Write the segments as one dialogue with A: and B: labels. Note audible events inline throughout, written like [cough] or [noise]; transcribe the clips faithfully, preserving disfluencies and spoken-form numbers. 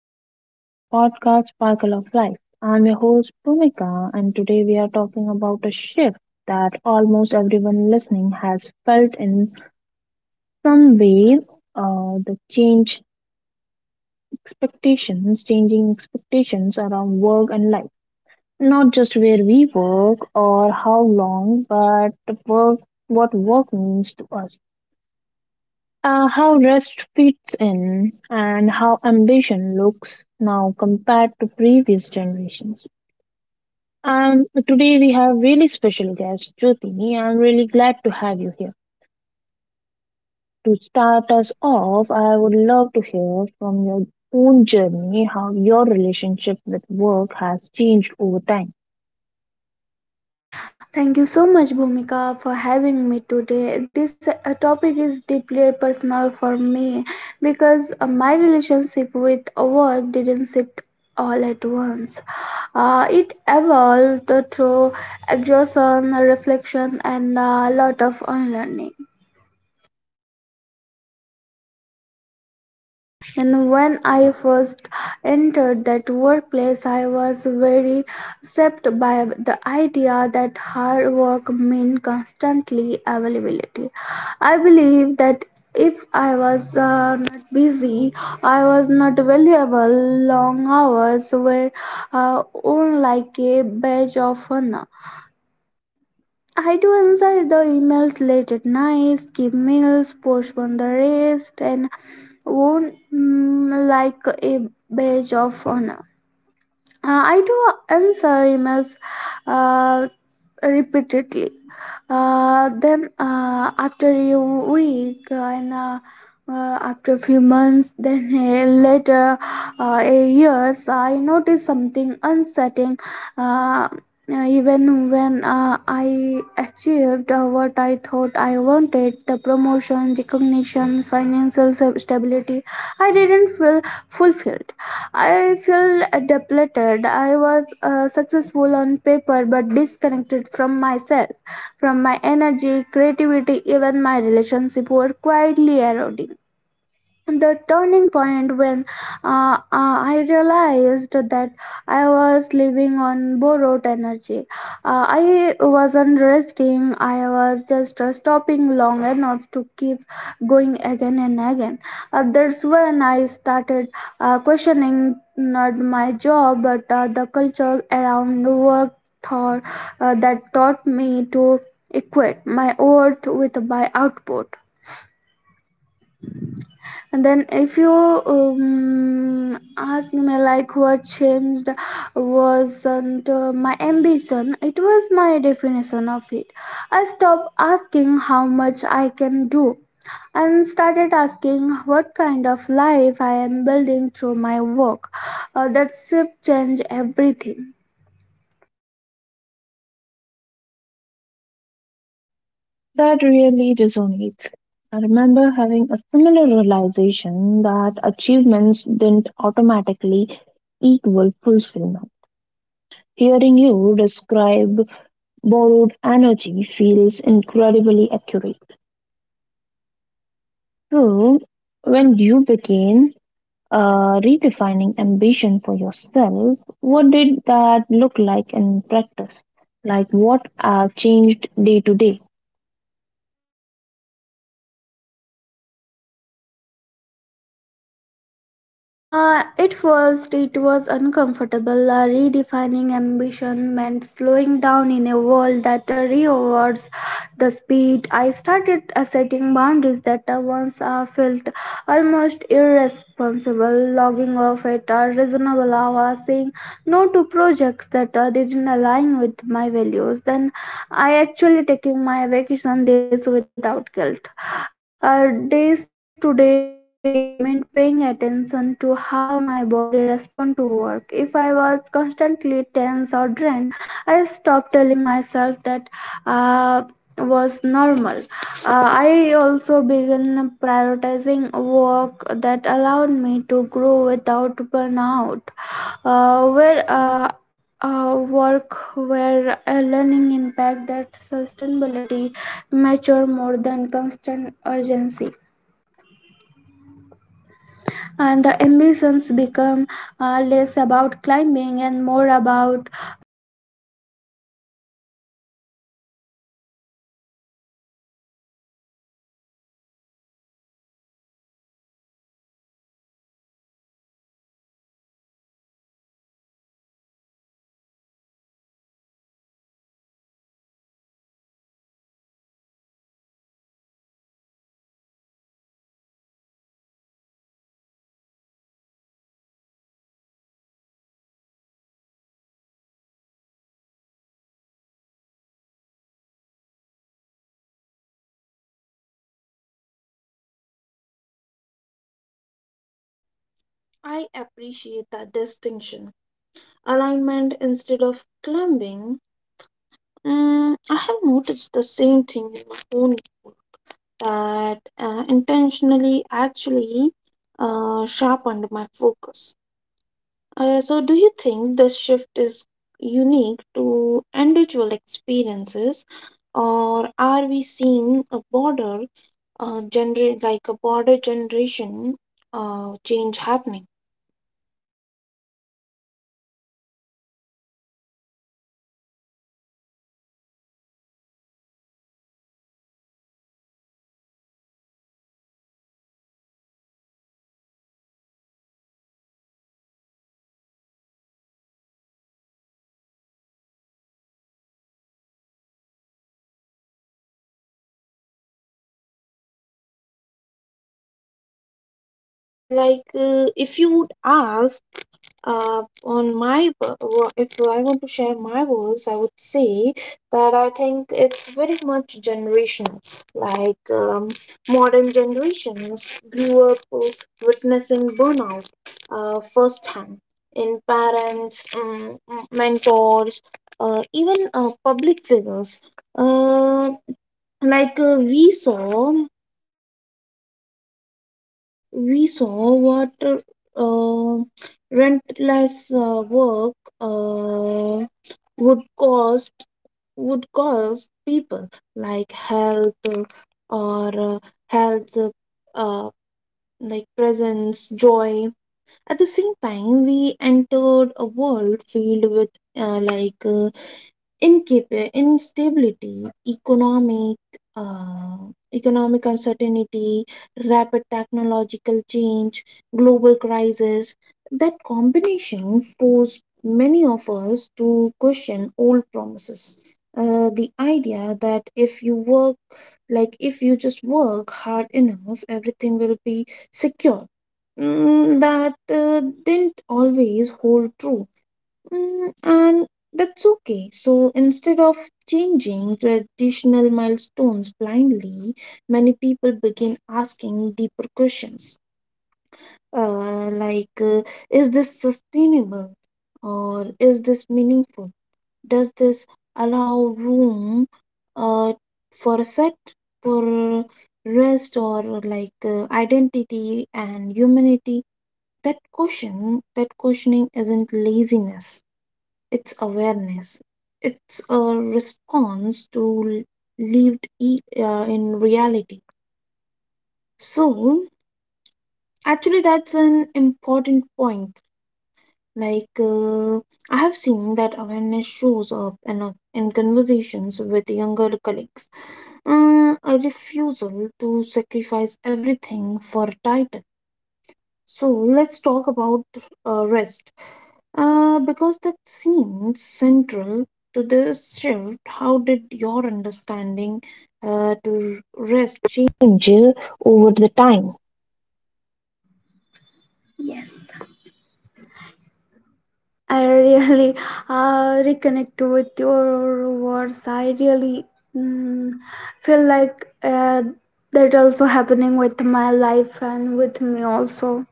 A: welcome back to our podcast, Sparkle of Life. I'm your host, Bhumika, and today we are talking about a shift that almost everyone listening has felt in some way, uh, the change expectations, changing expectations around work and life. Not just where we work or how long, but work, what work means to us. Uh, how rest fits in and how ambition looks now compared to previous generations. Um, today we have really special guest Jyotini. I'm really glad to have you here. To start us off, I would love to hear from your own journey how your relationship with work has changed over time.
B: Thank you so much, Bhumika, for having me today. This uh, topic is deeply personal for me because uh, my relationship with work didn't shift all at once. Uh, it evolved through exhaustion, reflection, and a lot of unlearning. And when I first entered that workplace, I was very shaped by the idea that hard work meant constantly availability. I believe that if I was uh, not busy, I was not valuable. Long hours were uh, worn like a badge of honor. I do answer the emails late at night, skip meals, postpone the rest, and worn mm, like a badge of honor. Uh, I do answer emails uh, repeatedly. Uh, then uh, after a week and uh, uh, after a few months, [laughs] then uh, later uh, a years, I notice something unsettling. Uh, uh, even when uh, I achieved uh, what I thought I wanted, the promotion, recognition, financial stability, I didn't feel fulfilled. I feel depleted. I was uh, successful on paper but disconnected from myself, from my energy, creativity, even my relationship were quietly eroding. The turning point when uh, uh, I realized that I was living on borrowed energy. Uh, I wasn't resting, I was just uh, stopping long enough to keep going again and again. Uh, that's when I started uh, questioning not my job but uh, the culture around work thought, uh, that taught me to equate my worth with my output. And then if you um, ask me like what changed wasn't uh, my ambition, it was my definition of it. I stopped asking how much I can do and started asking what kind of life I am building through my work. Uh, that shift changed everything.
A: That really resonates. I remember having a similar realization that achievements didn't automatically equal fulfillment. Hearing you describe borrowed energy feels incredibly accurate. So, when you began uh, redefining ambition for yourself, what did that look like in practice? Like, what uh, changed day to day?
B: Uh, at first, it was uncomfortable. Uh, redefining ambition meant slowing down in a world that uh, rewards the speed. I started uh, setting boundaries that uh, once uh, felt almost irresponsible, logging off at a reasonable hour, saying no to projects that uh, didn't align with my values. Then I actually taking my vacation days without guilt. Uh, days today it meant paying attention to how my body respond to work. If I was constantly tense or drained, I stopped telling myself that uh, was normal. Uh, I also began prioritizing work that allowed me to grow without burnout. Uh, where uh, uh, work where a learning impact that sustainability mature more than constant urgency. And the ambitions become uh, less about climbing and more about alignment. I wanted my uh, work uh, to support my life, not replace it. That uh, mindset shift didn't make me less driven. Uh, it made me more intentional, and it's uh, made me feel more intentional.
A: I appreciate that distinction. Alignment instead of climbing. Mm, I have noticed the same thing in my own life, that uh, intentionally actually uh, sharpened my focus. Uh, so, do you think this shift is unique to individual experiences, or are we seeing a border uh, gener- like a border generation uh, change happening? But I think it's very much generational. Like um, Modern generations grew up with what uh, relentless uh, work. Uh, would cost would cause people like health uh, or uh, health uh, uh, like presence joy at the same time we entered a world filled with uh, like uh, incapa- instability, economic, uh, economic uncertainty, rapid technological change, global crisis. That combination forced many of us to question old promises. Uh, the idea that if you work, like if you just work hard enough, everything will be secure. Mm, that uh, didn't always hold true. Mm, and that's okay. So instead of changing traditional milestones blindly, many people begin asking deeper questions, uh, like, uh, is this sustainable or is this meaningful? Does this allow room uh, for a set, for rest, or like uh, identity and humanity? That question, that questioning isn't laziness, it's awareness, it's lived e- uh, in reality. Because that seems central to this shift, how did your understanding uh, to rest change over the time?
B: Yes, I really uh, reconnect with your words. I really mm, feel like uh, that also happening with my life and with me also.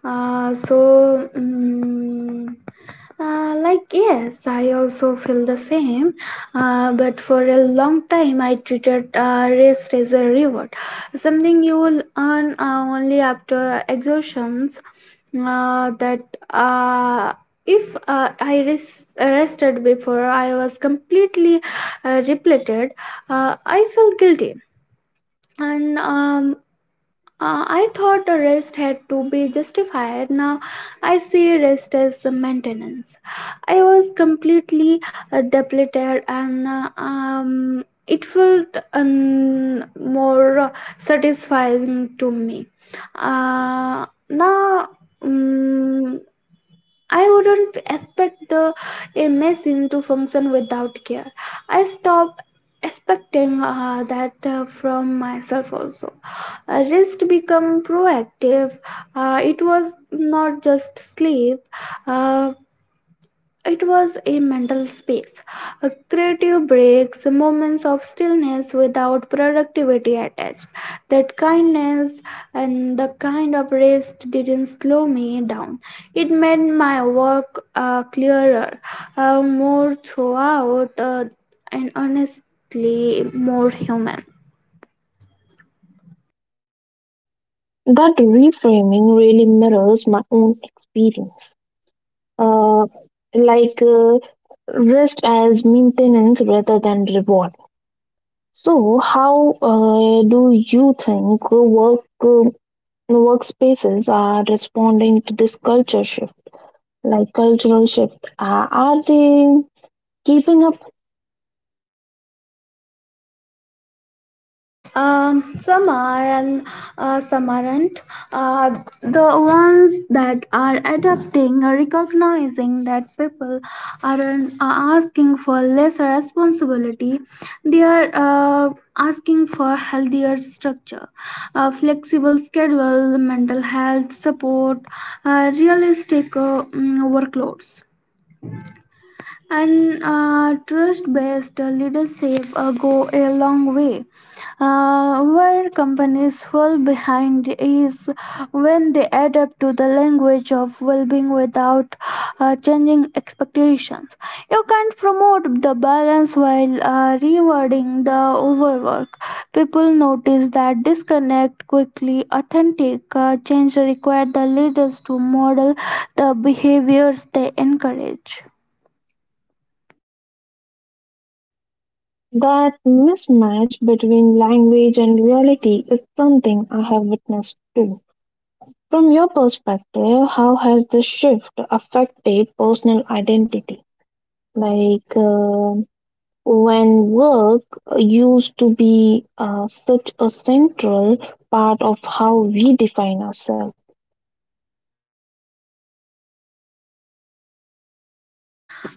B: Uh, so. mm Uh, like yes, I also feel the same. Uh, but for a long time, I treated uh, rest as a reward, something you will earn uh, only after exhaustions. Uh, that uh, if uh, I res- rested before I was completely uh, repleted, uh, I felt guilty. And um, uh, I thought the rest had to be justified. Now I see rest as a maintenance. I was completely uh, depleted, and uh, um, it felt um, more satisfying to me. Uh, now, mm I wouldn't expect the a machine to function without care. I stop expecting uh, that uh, from myself also. Uh, rest become proactive. Uh, it was not just sleep. Uh, it was a mental space, a creative breaks, moments of stillness without productivity attached. That kindness and the kind of rest didn't slow me down. It made my work uh, clearer, uh, more throughout, uh, and honestly more human.
A: That reframing really mirrors my own experience. Uh, like uh, Rest as maintenance rather than reward. So, how uh, do you think work uh, workspaces are responding to this culture shift, like cultural shift? Are are they keeping up?
B: Um, some are and uh, some aren't. Uh, the ones that are adapting are recognizing that people aren't are asking for less responsibility. They are uh, asking for healthier structure, a flexible schedule, mental health support, uh, realistic uh, mm, workloads, and uh, trust-based leadership uh, go a long way. Uh, where companies fall behind is when they adapt to the language of well-being without uh, changing expectations. You can't promote the balance while uh, rewarding the overwork. People notice that disconnect quickly. Authentic uh, change requires the leaders to model the behaviors they encourage.
A: That mismatch between language and reality is something I have witnessed too. From your perspective, how has the shift affected personal identity? Like uh, when work used to be uh, such a central part of how we define ourselves.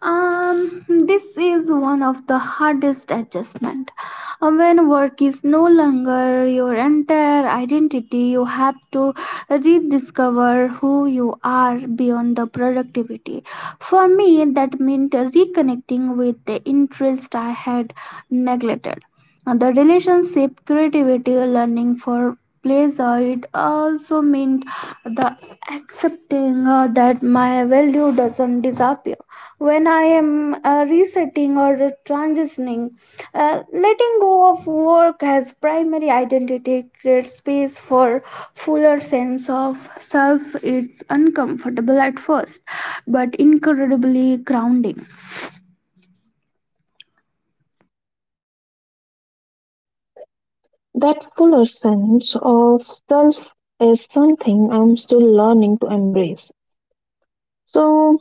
B: Um, this is one of the hardest adjustment. Uh, When work is no longer your entire identity, you have to rediscover who you are beyond the productivity. For me, that meant reconnecting with the interest I had neglected. And the relationship creativity learning for pleasure, it also meant the accepting uh, that my value doesn't disappear when I am uh, resetting or transitioning. Uh, letting go of work as primary identity creates space for fuller sense of self. It's uncomfortable at first but incredibly grounding.
A: That fuller sense of self is something I'm still learning to embrace. So,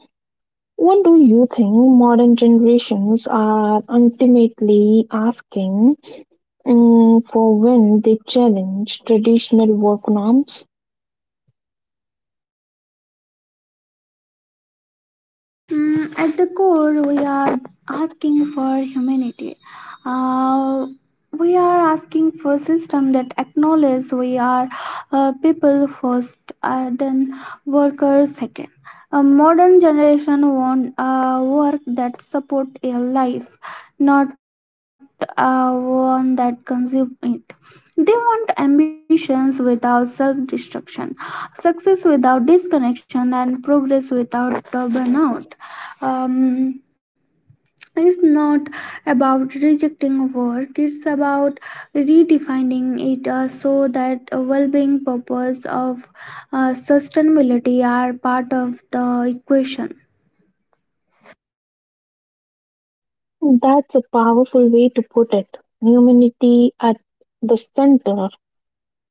A: what do you think modern generations are ultimately asking, mm, for when they challenge traditional work norms?
B: Mm, at the core, we are asking for humanity. Uh, we are asking for system that acknowledge we are uh, people first, uh, then workers second. A modern generation want uh, work that support a life, not uh, one that consume it. They want ambitions without self destruction, success without disconnection, and progress without uh, burnout. Um, it's not about rejecting work, it's about redefining it uh, so that well being, purpose, of uh, sustainability are part of the equation.
A: That's a powerful way to put it. Humanity at the center.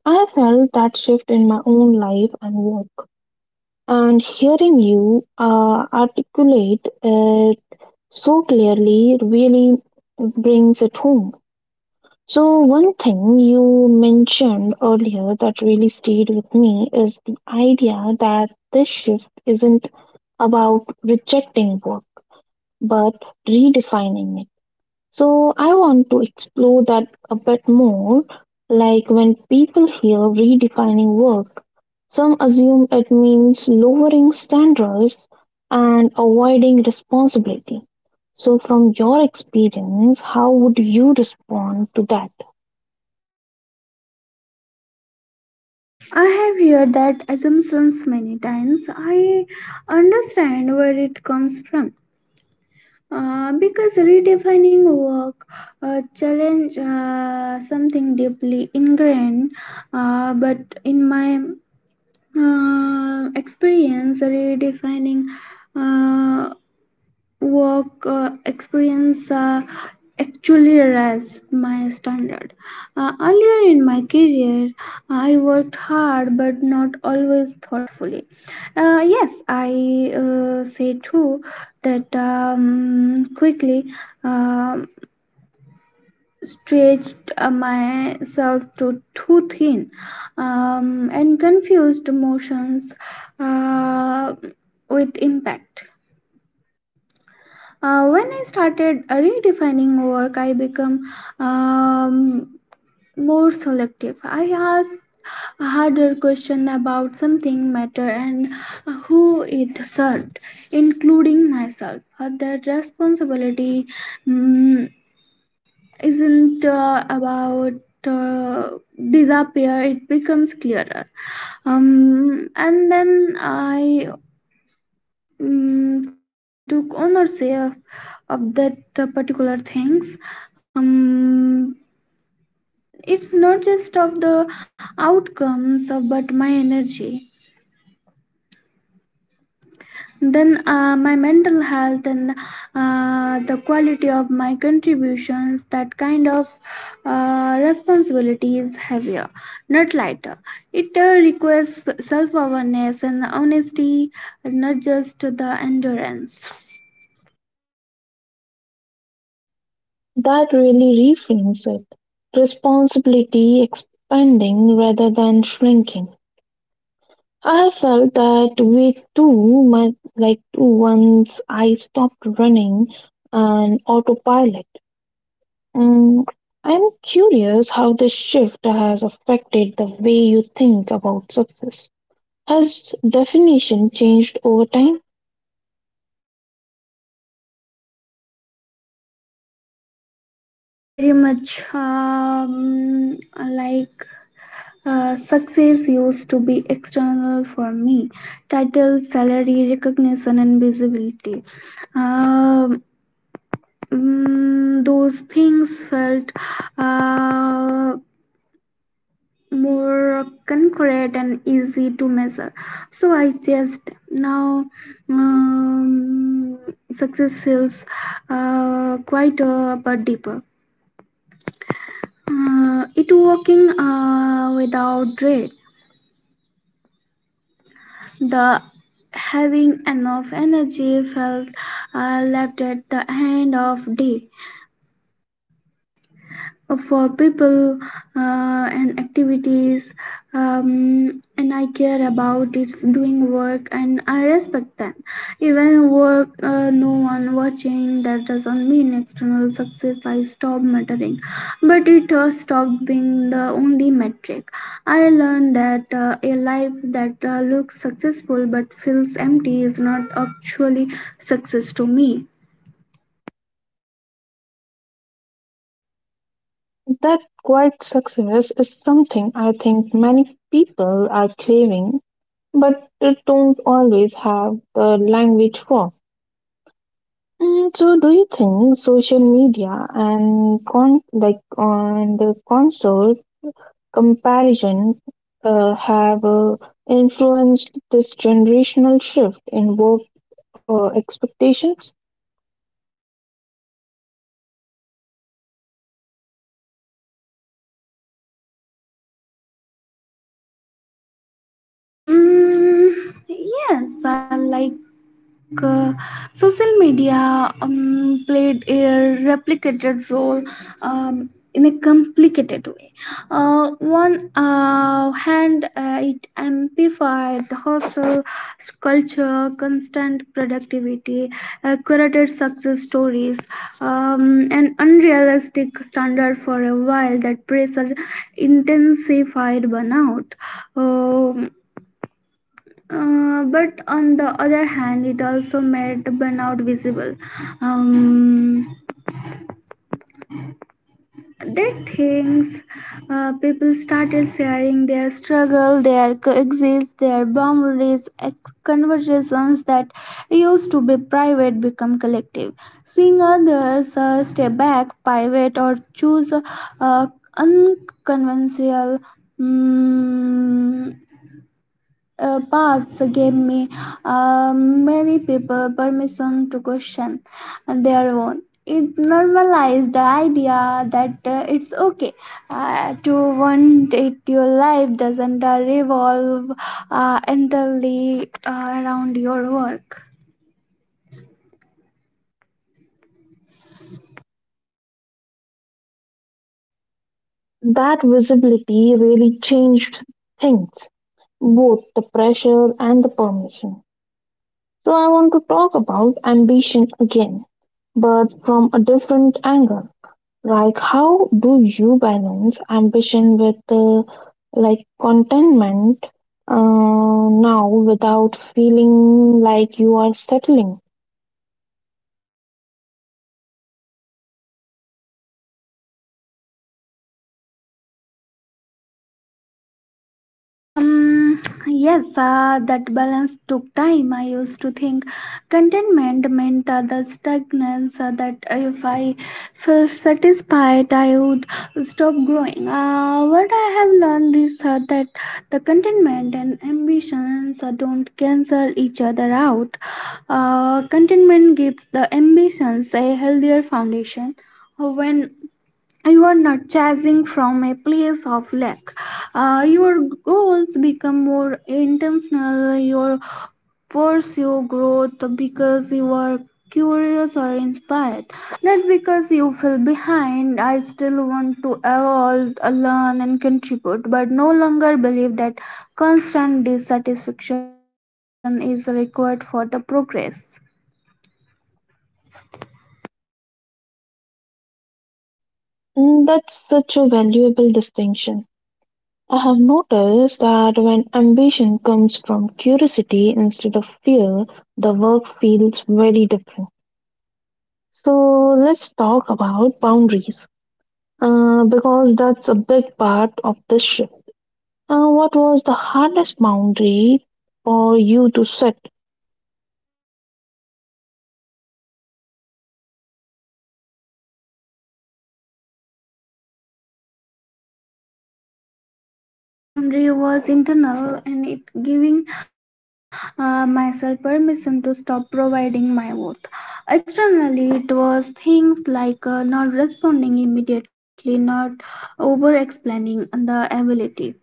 A: I have felt that shift in my own life and work. And hearing you uh, articulate it so clearly really brings it home. So, one thing you mentioned earlier that really stayed with me is the idea that this shift isn't about rejecting work but redefining it. So I want to explore that a bit more, like when people hear redefining work, some assume it means lowering standards and avoiding responsibility. So from your experience, how would you respond to that?
B: I have heard that assumptions many times. I understand where it comes from. Uh, because redefining work uh, challenge uh, something deeply ingrained, uh, but in my uh, experience, redefining uh, work uh, experience. Uh, actually raised my standard. Uh, earlier in my career, I worked hard but not always thoughtfully. Uh, yes, I uh, say too that um, quickly um stretched uh, myself to too thin, um, and confused emotions uh, with impact. Uh, when I started uh, redefining work, I become um, more selective. I ask a harder question about something matter and who it served, including myself. Uh, That responsibility mm, isn't uh, about uh, disappear. It becomes clearer. Um, and then I mm, took ownership of that particular things. Um, it's not just of the outcomes of but my energy, then uh, my mental health, and uh, the quality of my contributions. That kind of uh, responsibility is heavier, not lighter. It uh, requires self-awareness and honesty, not just the endurance.
A: That really reframes it. Responsibility expanding rather than shrinking. I have felt that way too much like once I stopped running an autopilot. Mm, I'm curious how this shift has affected the way you think about success. Has definition changed over time?
B: Uh, very much, um, like uh, success used to be external for me: title, salary, recognition, and visibility. Um, mm, those things felt uh, more concrete and easy to measure. So I just now, um, success feels uh, quite uh, deeper. Uh, it working uh, without dread. The having enough energy felt uh, left at the end of day, for people uh, and activities um, and I care about. It's doing work and I respect them even work uh, no one watching. That doesn't mean external success I stop mattering, but it has stopped being the only metric. I learned that uh, a life that uh, looks successful but feels empty is not actually success to me.
A: That quiet success is something I think many people are craving but don't always have the language for. Mm, so do you think social media and con like on the console comparison uh, have uh, influenced this generational shift in work uh, expectations?
B: Mm, yes, I like like, uh, social media um, played a replicated role um, in a complicated way. Uh, one uh, hand, uh, it amplified the hustle culture, constant productivity, uh, curated success stories, um, an unrealistic standard. For a while that pressure intensified burnout. Um, uh, but on the other hand, it also made burnout visible. Um, that things uh, people started sharing their struggle, their exits, their boundaries, ex- conversations that used to be private become collective. Seeing others uh, step back, pivot, or choose uh, unconventional mm, uh, paths gave me uh, many people permission to question their own. It normalized the idea that uh, it's okay uh, to want it. Your life doesn't uh, revolve uh, entirely uh, around your work.
A: That visibility really changed things, both the pressure and the permission. So I want to talk about ambition again, but from a different angle. Like, how do you balance ambition with uh, like contentment uh, now without feeling like you are settling?
B: Um, yes, uh, that balance took time. I used to think contentment meant uh, the stagnance, uh, that if I felt satisfied, I would stop growing. Uh, what I have learned is uh, that the contentment and ambitions uh, don't cancel each other out. Uh, contentment gives the ambitions a healthier foundation. Uh, When you are not chasing from a place of lack, Uh, your goals become more intentional. Your pursue growth because you are curious or inspired, not because you feel behind. I still want to evolve, uh, learn, and contribute, but no longer believe that constant dissatisfaction is required for the progress.
A: Mm, that's such a valuable distinction. I have noticed that when ambition comes from curiosity instead of fear, the work feels very different. So let's talk about boundaries, uh, because that's a big part of this shift. Uh, what was the hardest boundary for you to set?
B: The hardest boundary was internal, and it giving uh, myself permission to stop providing my worth externally. It was things like uh, not responding immediately, not over explaining the ability,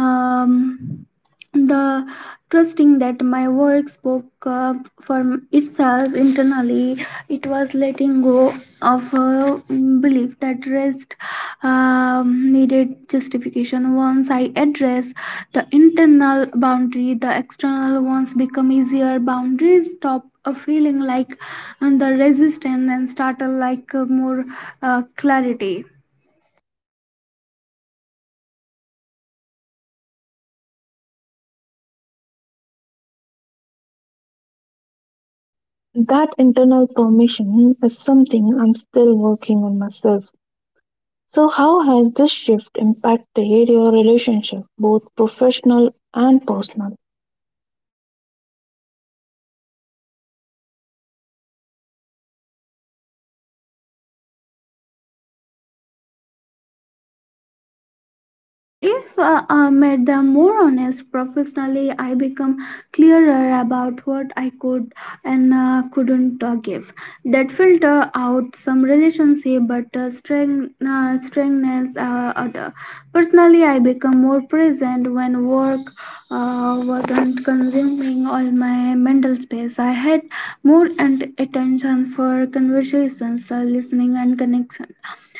B: um, the trusting that my work spoke uh, for itself. Internally, it was letting go of a belief that rest um, needed justification. Once I address the internal boundary, the external ones become easier. Boundaries stop a feeling like and the resistance and start uh, like uh, more uh, clarity.
A: That internal permission is something I'm still working on myself. So, how has this shift impacted your relationship, both professional and personal?
B: Uh, if uh, I made them more honest professionally, I become clearer about what I could and uh, couldn't uh, give. That filter out some relationship, but uh, strength, uh, strengthens uh, other. Personally, I become more present when work uh, wasn't consuming all my mental space. I had more and attention for conversations, uh, listening, and connection.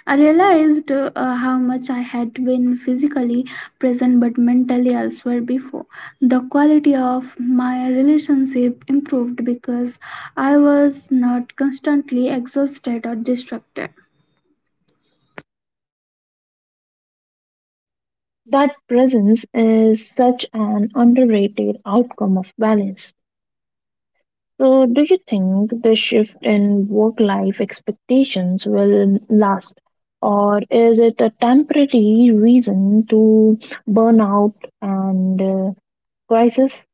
B: I realized uh, how much I had been physically present but mentally elsewhere before. The quality of my relationship improved because I was not constantly exhausted or distracted.
A: That presence is such an underrated outcome of balance. So, do you think the shift in work life expectations will last, or is it a temporary reason to burnout and uh, crisis?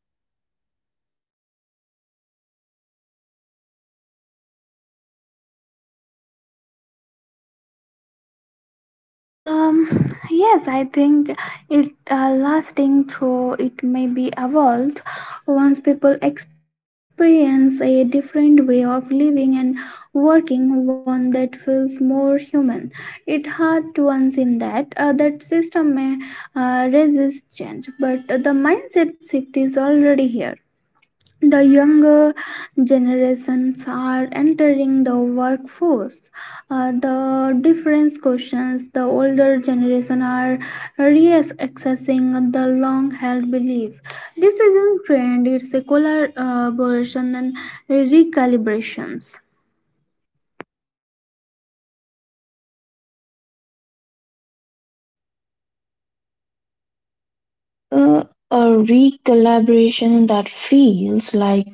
B: Um, yes, I think it uh, lasting through it may be evolved once people experience a different way of living and working, one that feels more human. It hard to once in that uh, that system may uh, resist change, but the mindset shift is already here. The younger generations are entering the workforce. Uh, the different questions, the older generation are reassessing the long-held belief. This isn't trend; it's a collaboration and recalibrations.
A: Uh, a recollaboration that feels like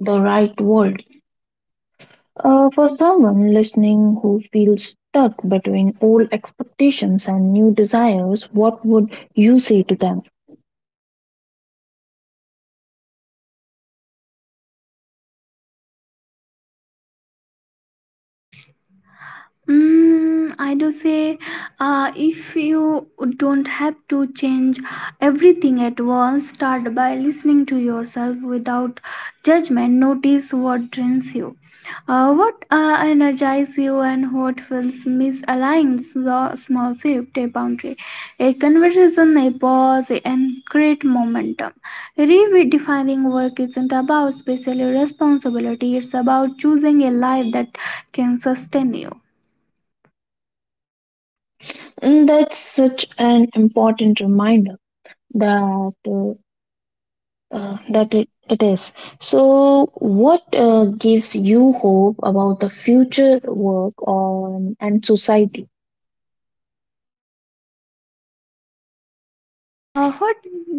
A: the right word. Uh, for someone listening who feels stuck between old expectations and new desires, what would you say to them?
B: Mm, I do say, uh, if you don't have to change everything at once, start by listening to yourself without judgment. Notice what drains you, uh, what uh, energizes you, and what feels misaligned. So, small shift, a boundary, a conversation, a pause, and create momentum. Redefining work isn't about special responsibility; it's about choosing a life that can sustain you.
A: Mm, that's such an important reminder that uh, Uh, that it, it is. So, what uh, gives you hope about the future work on and society?
B: Uh, what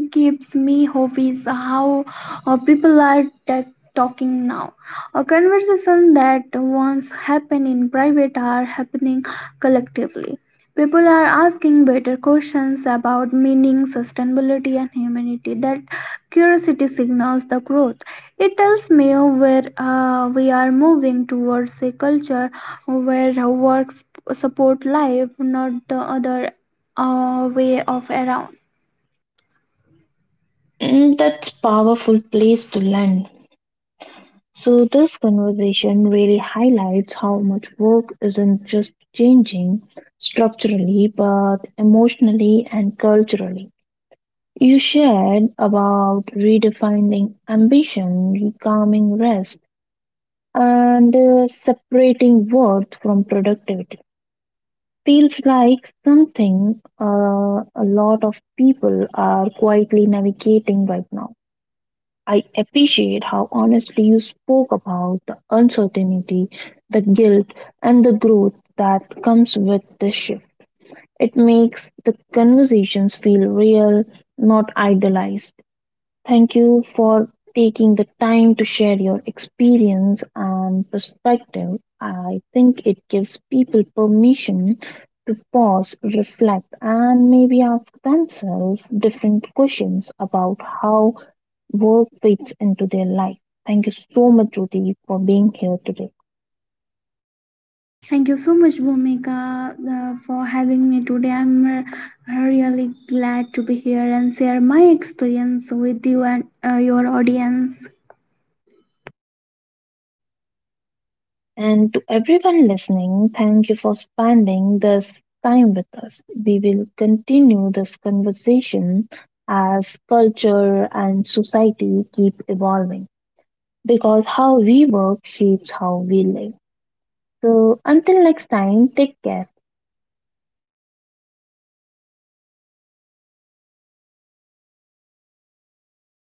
B: gives me hope is how uh, people are ta- talking now. A conversation that once happened in private are happening collectively. People are asking better questions about meaning, sustainability, and humanity. That curiosity signals the growth. It tells me where uh, we are moving towards a culture where works support life, not the other uh, way of around.
A: Mm, that's powerful place to land. So, this conversation really highlights how much work isn't just changing structurally, but emotionally and culturally. You shared about redefining ambition, reclaiming rest, and uh, separating worth from productivity. Feels like something uh, a lot of people are quietly navigating right now. I appreciate how honestly you spoke about the uncertainty, the guilt, and the growth that comes with this shift. It makes the conversations feel real, not idealized. Thank you for taking the time to share your experience and perspective. I think it gives people permission to pause, reflect, and maybe ask themselves different questions about how work fits into their life. Thank you so much, Ruthie, for being here today.
B: Thank you so much, Bhumika, uh, for having me today. I'm uh, really glad to be here and share my experience with you and uh, your audience.
A: And to everyone listening, thank you for spending this time with us. We will continue this conversation as culture and society keep evolving because how we work shapes how we live. So until next time, take care.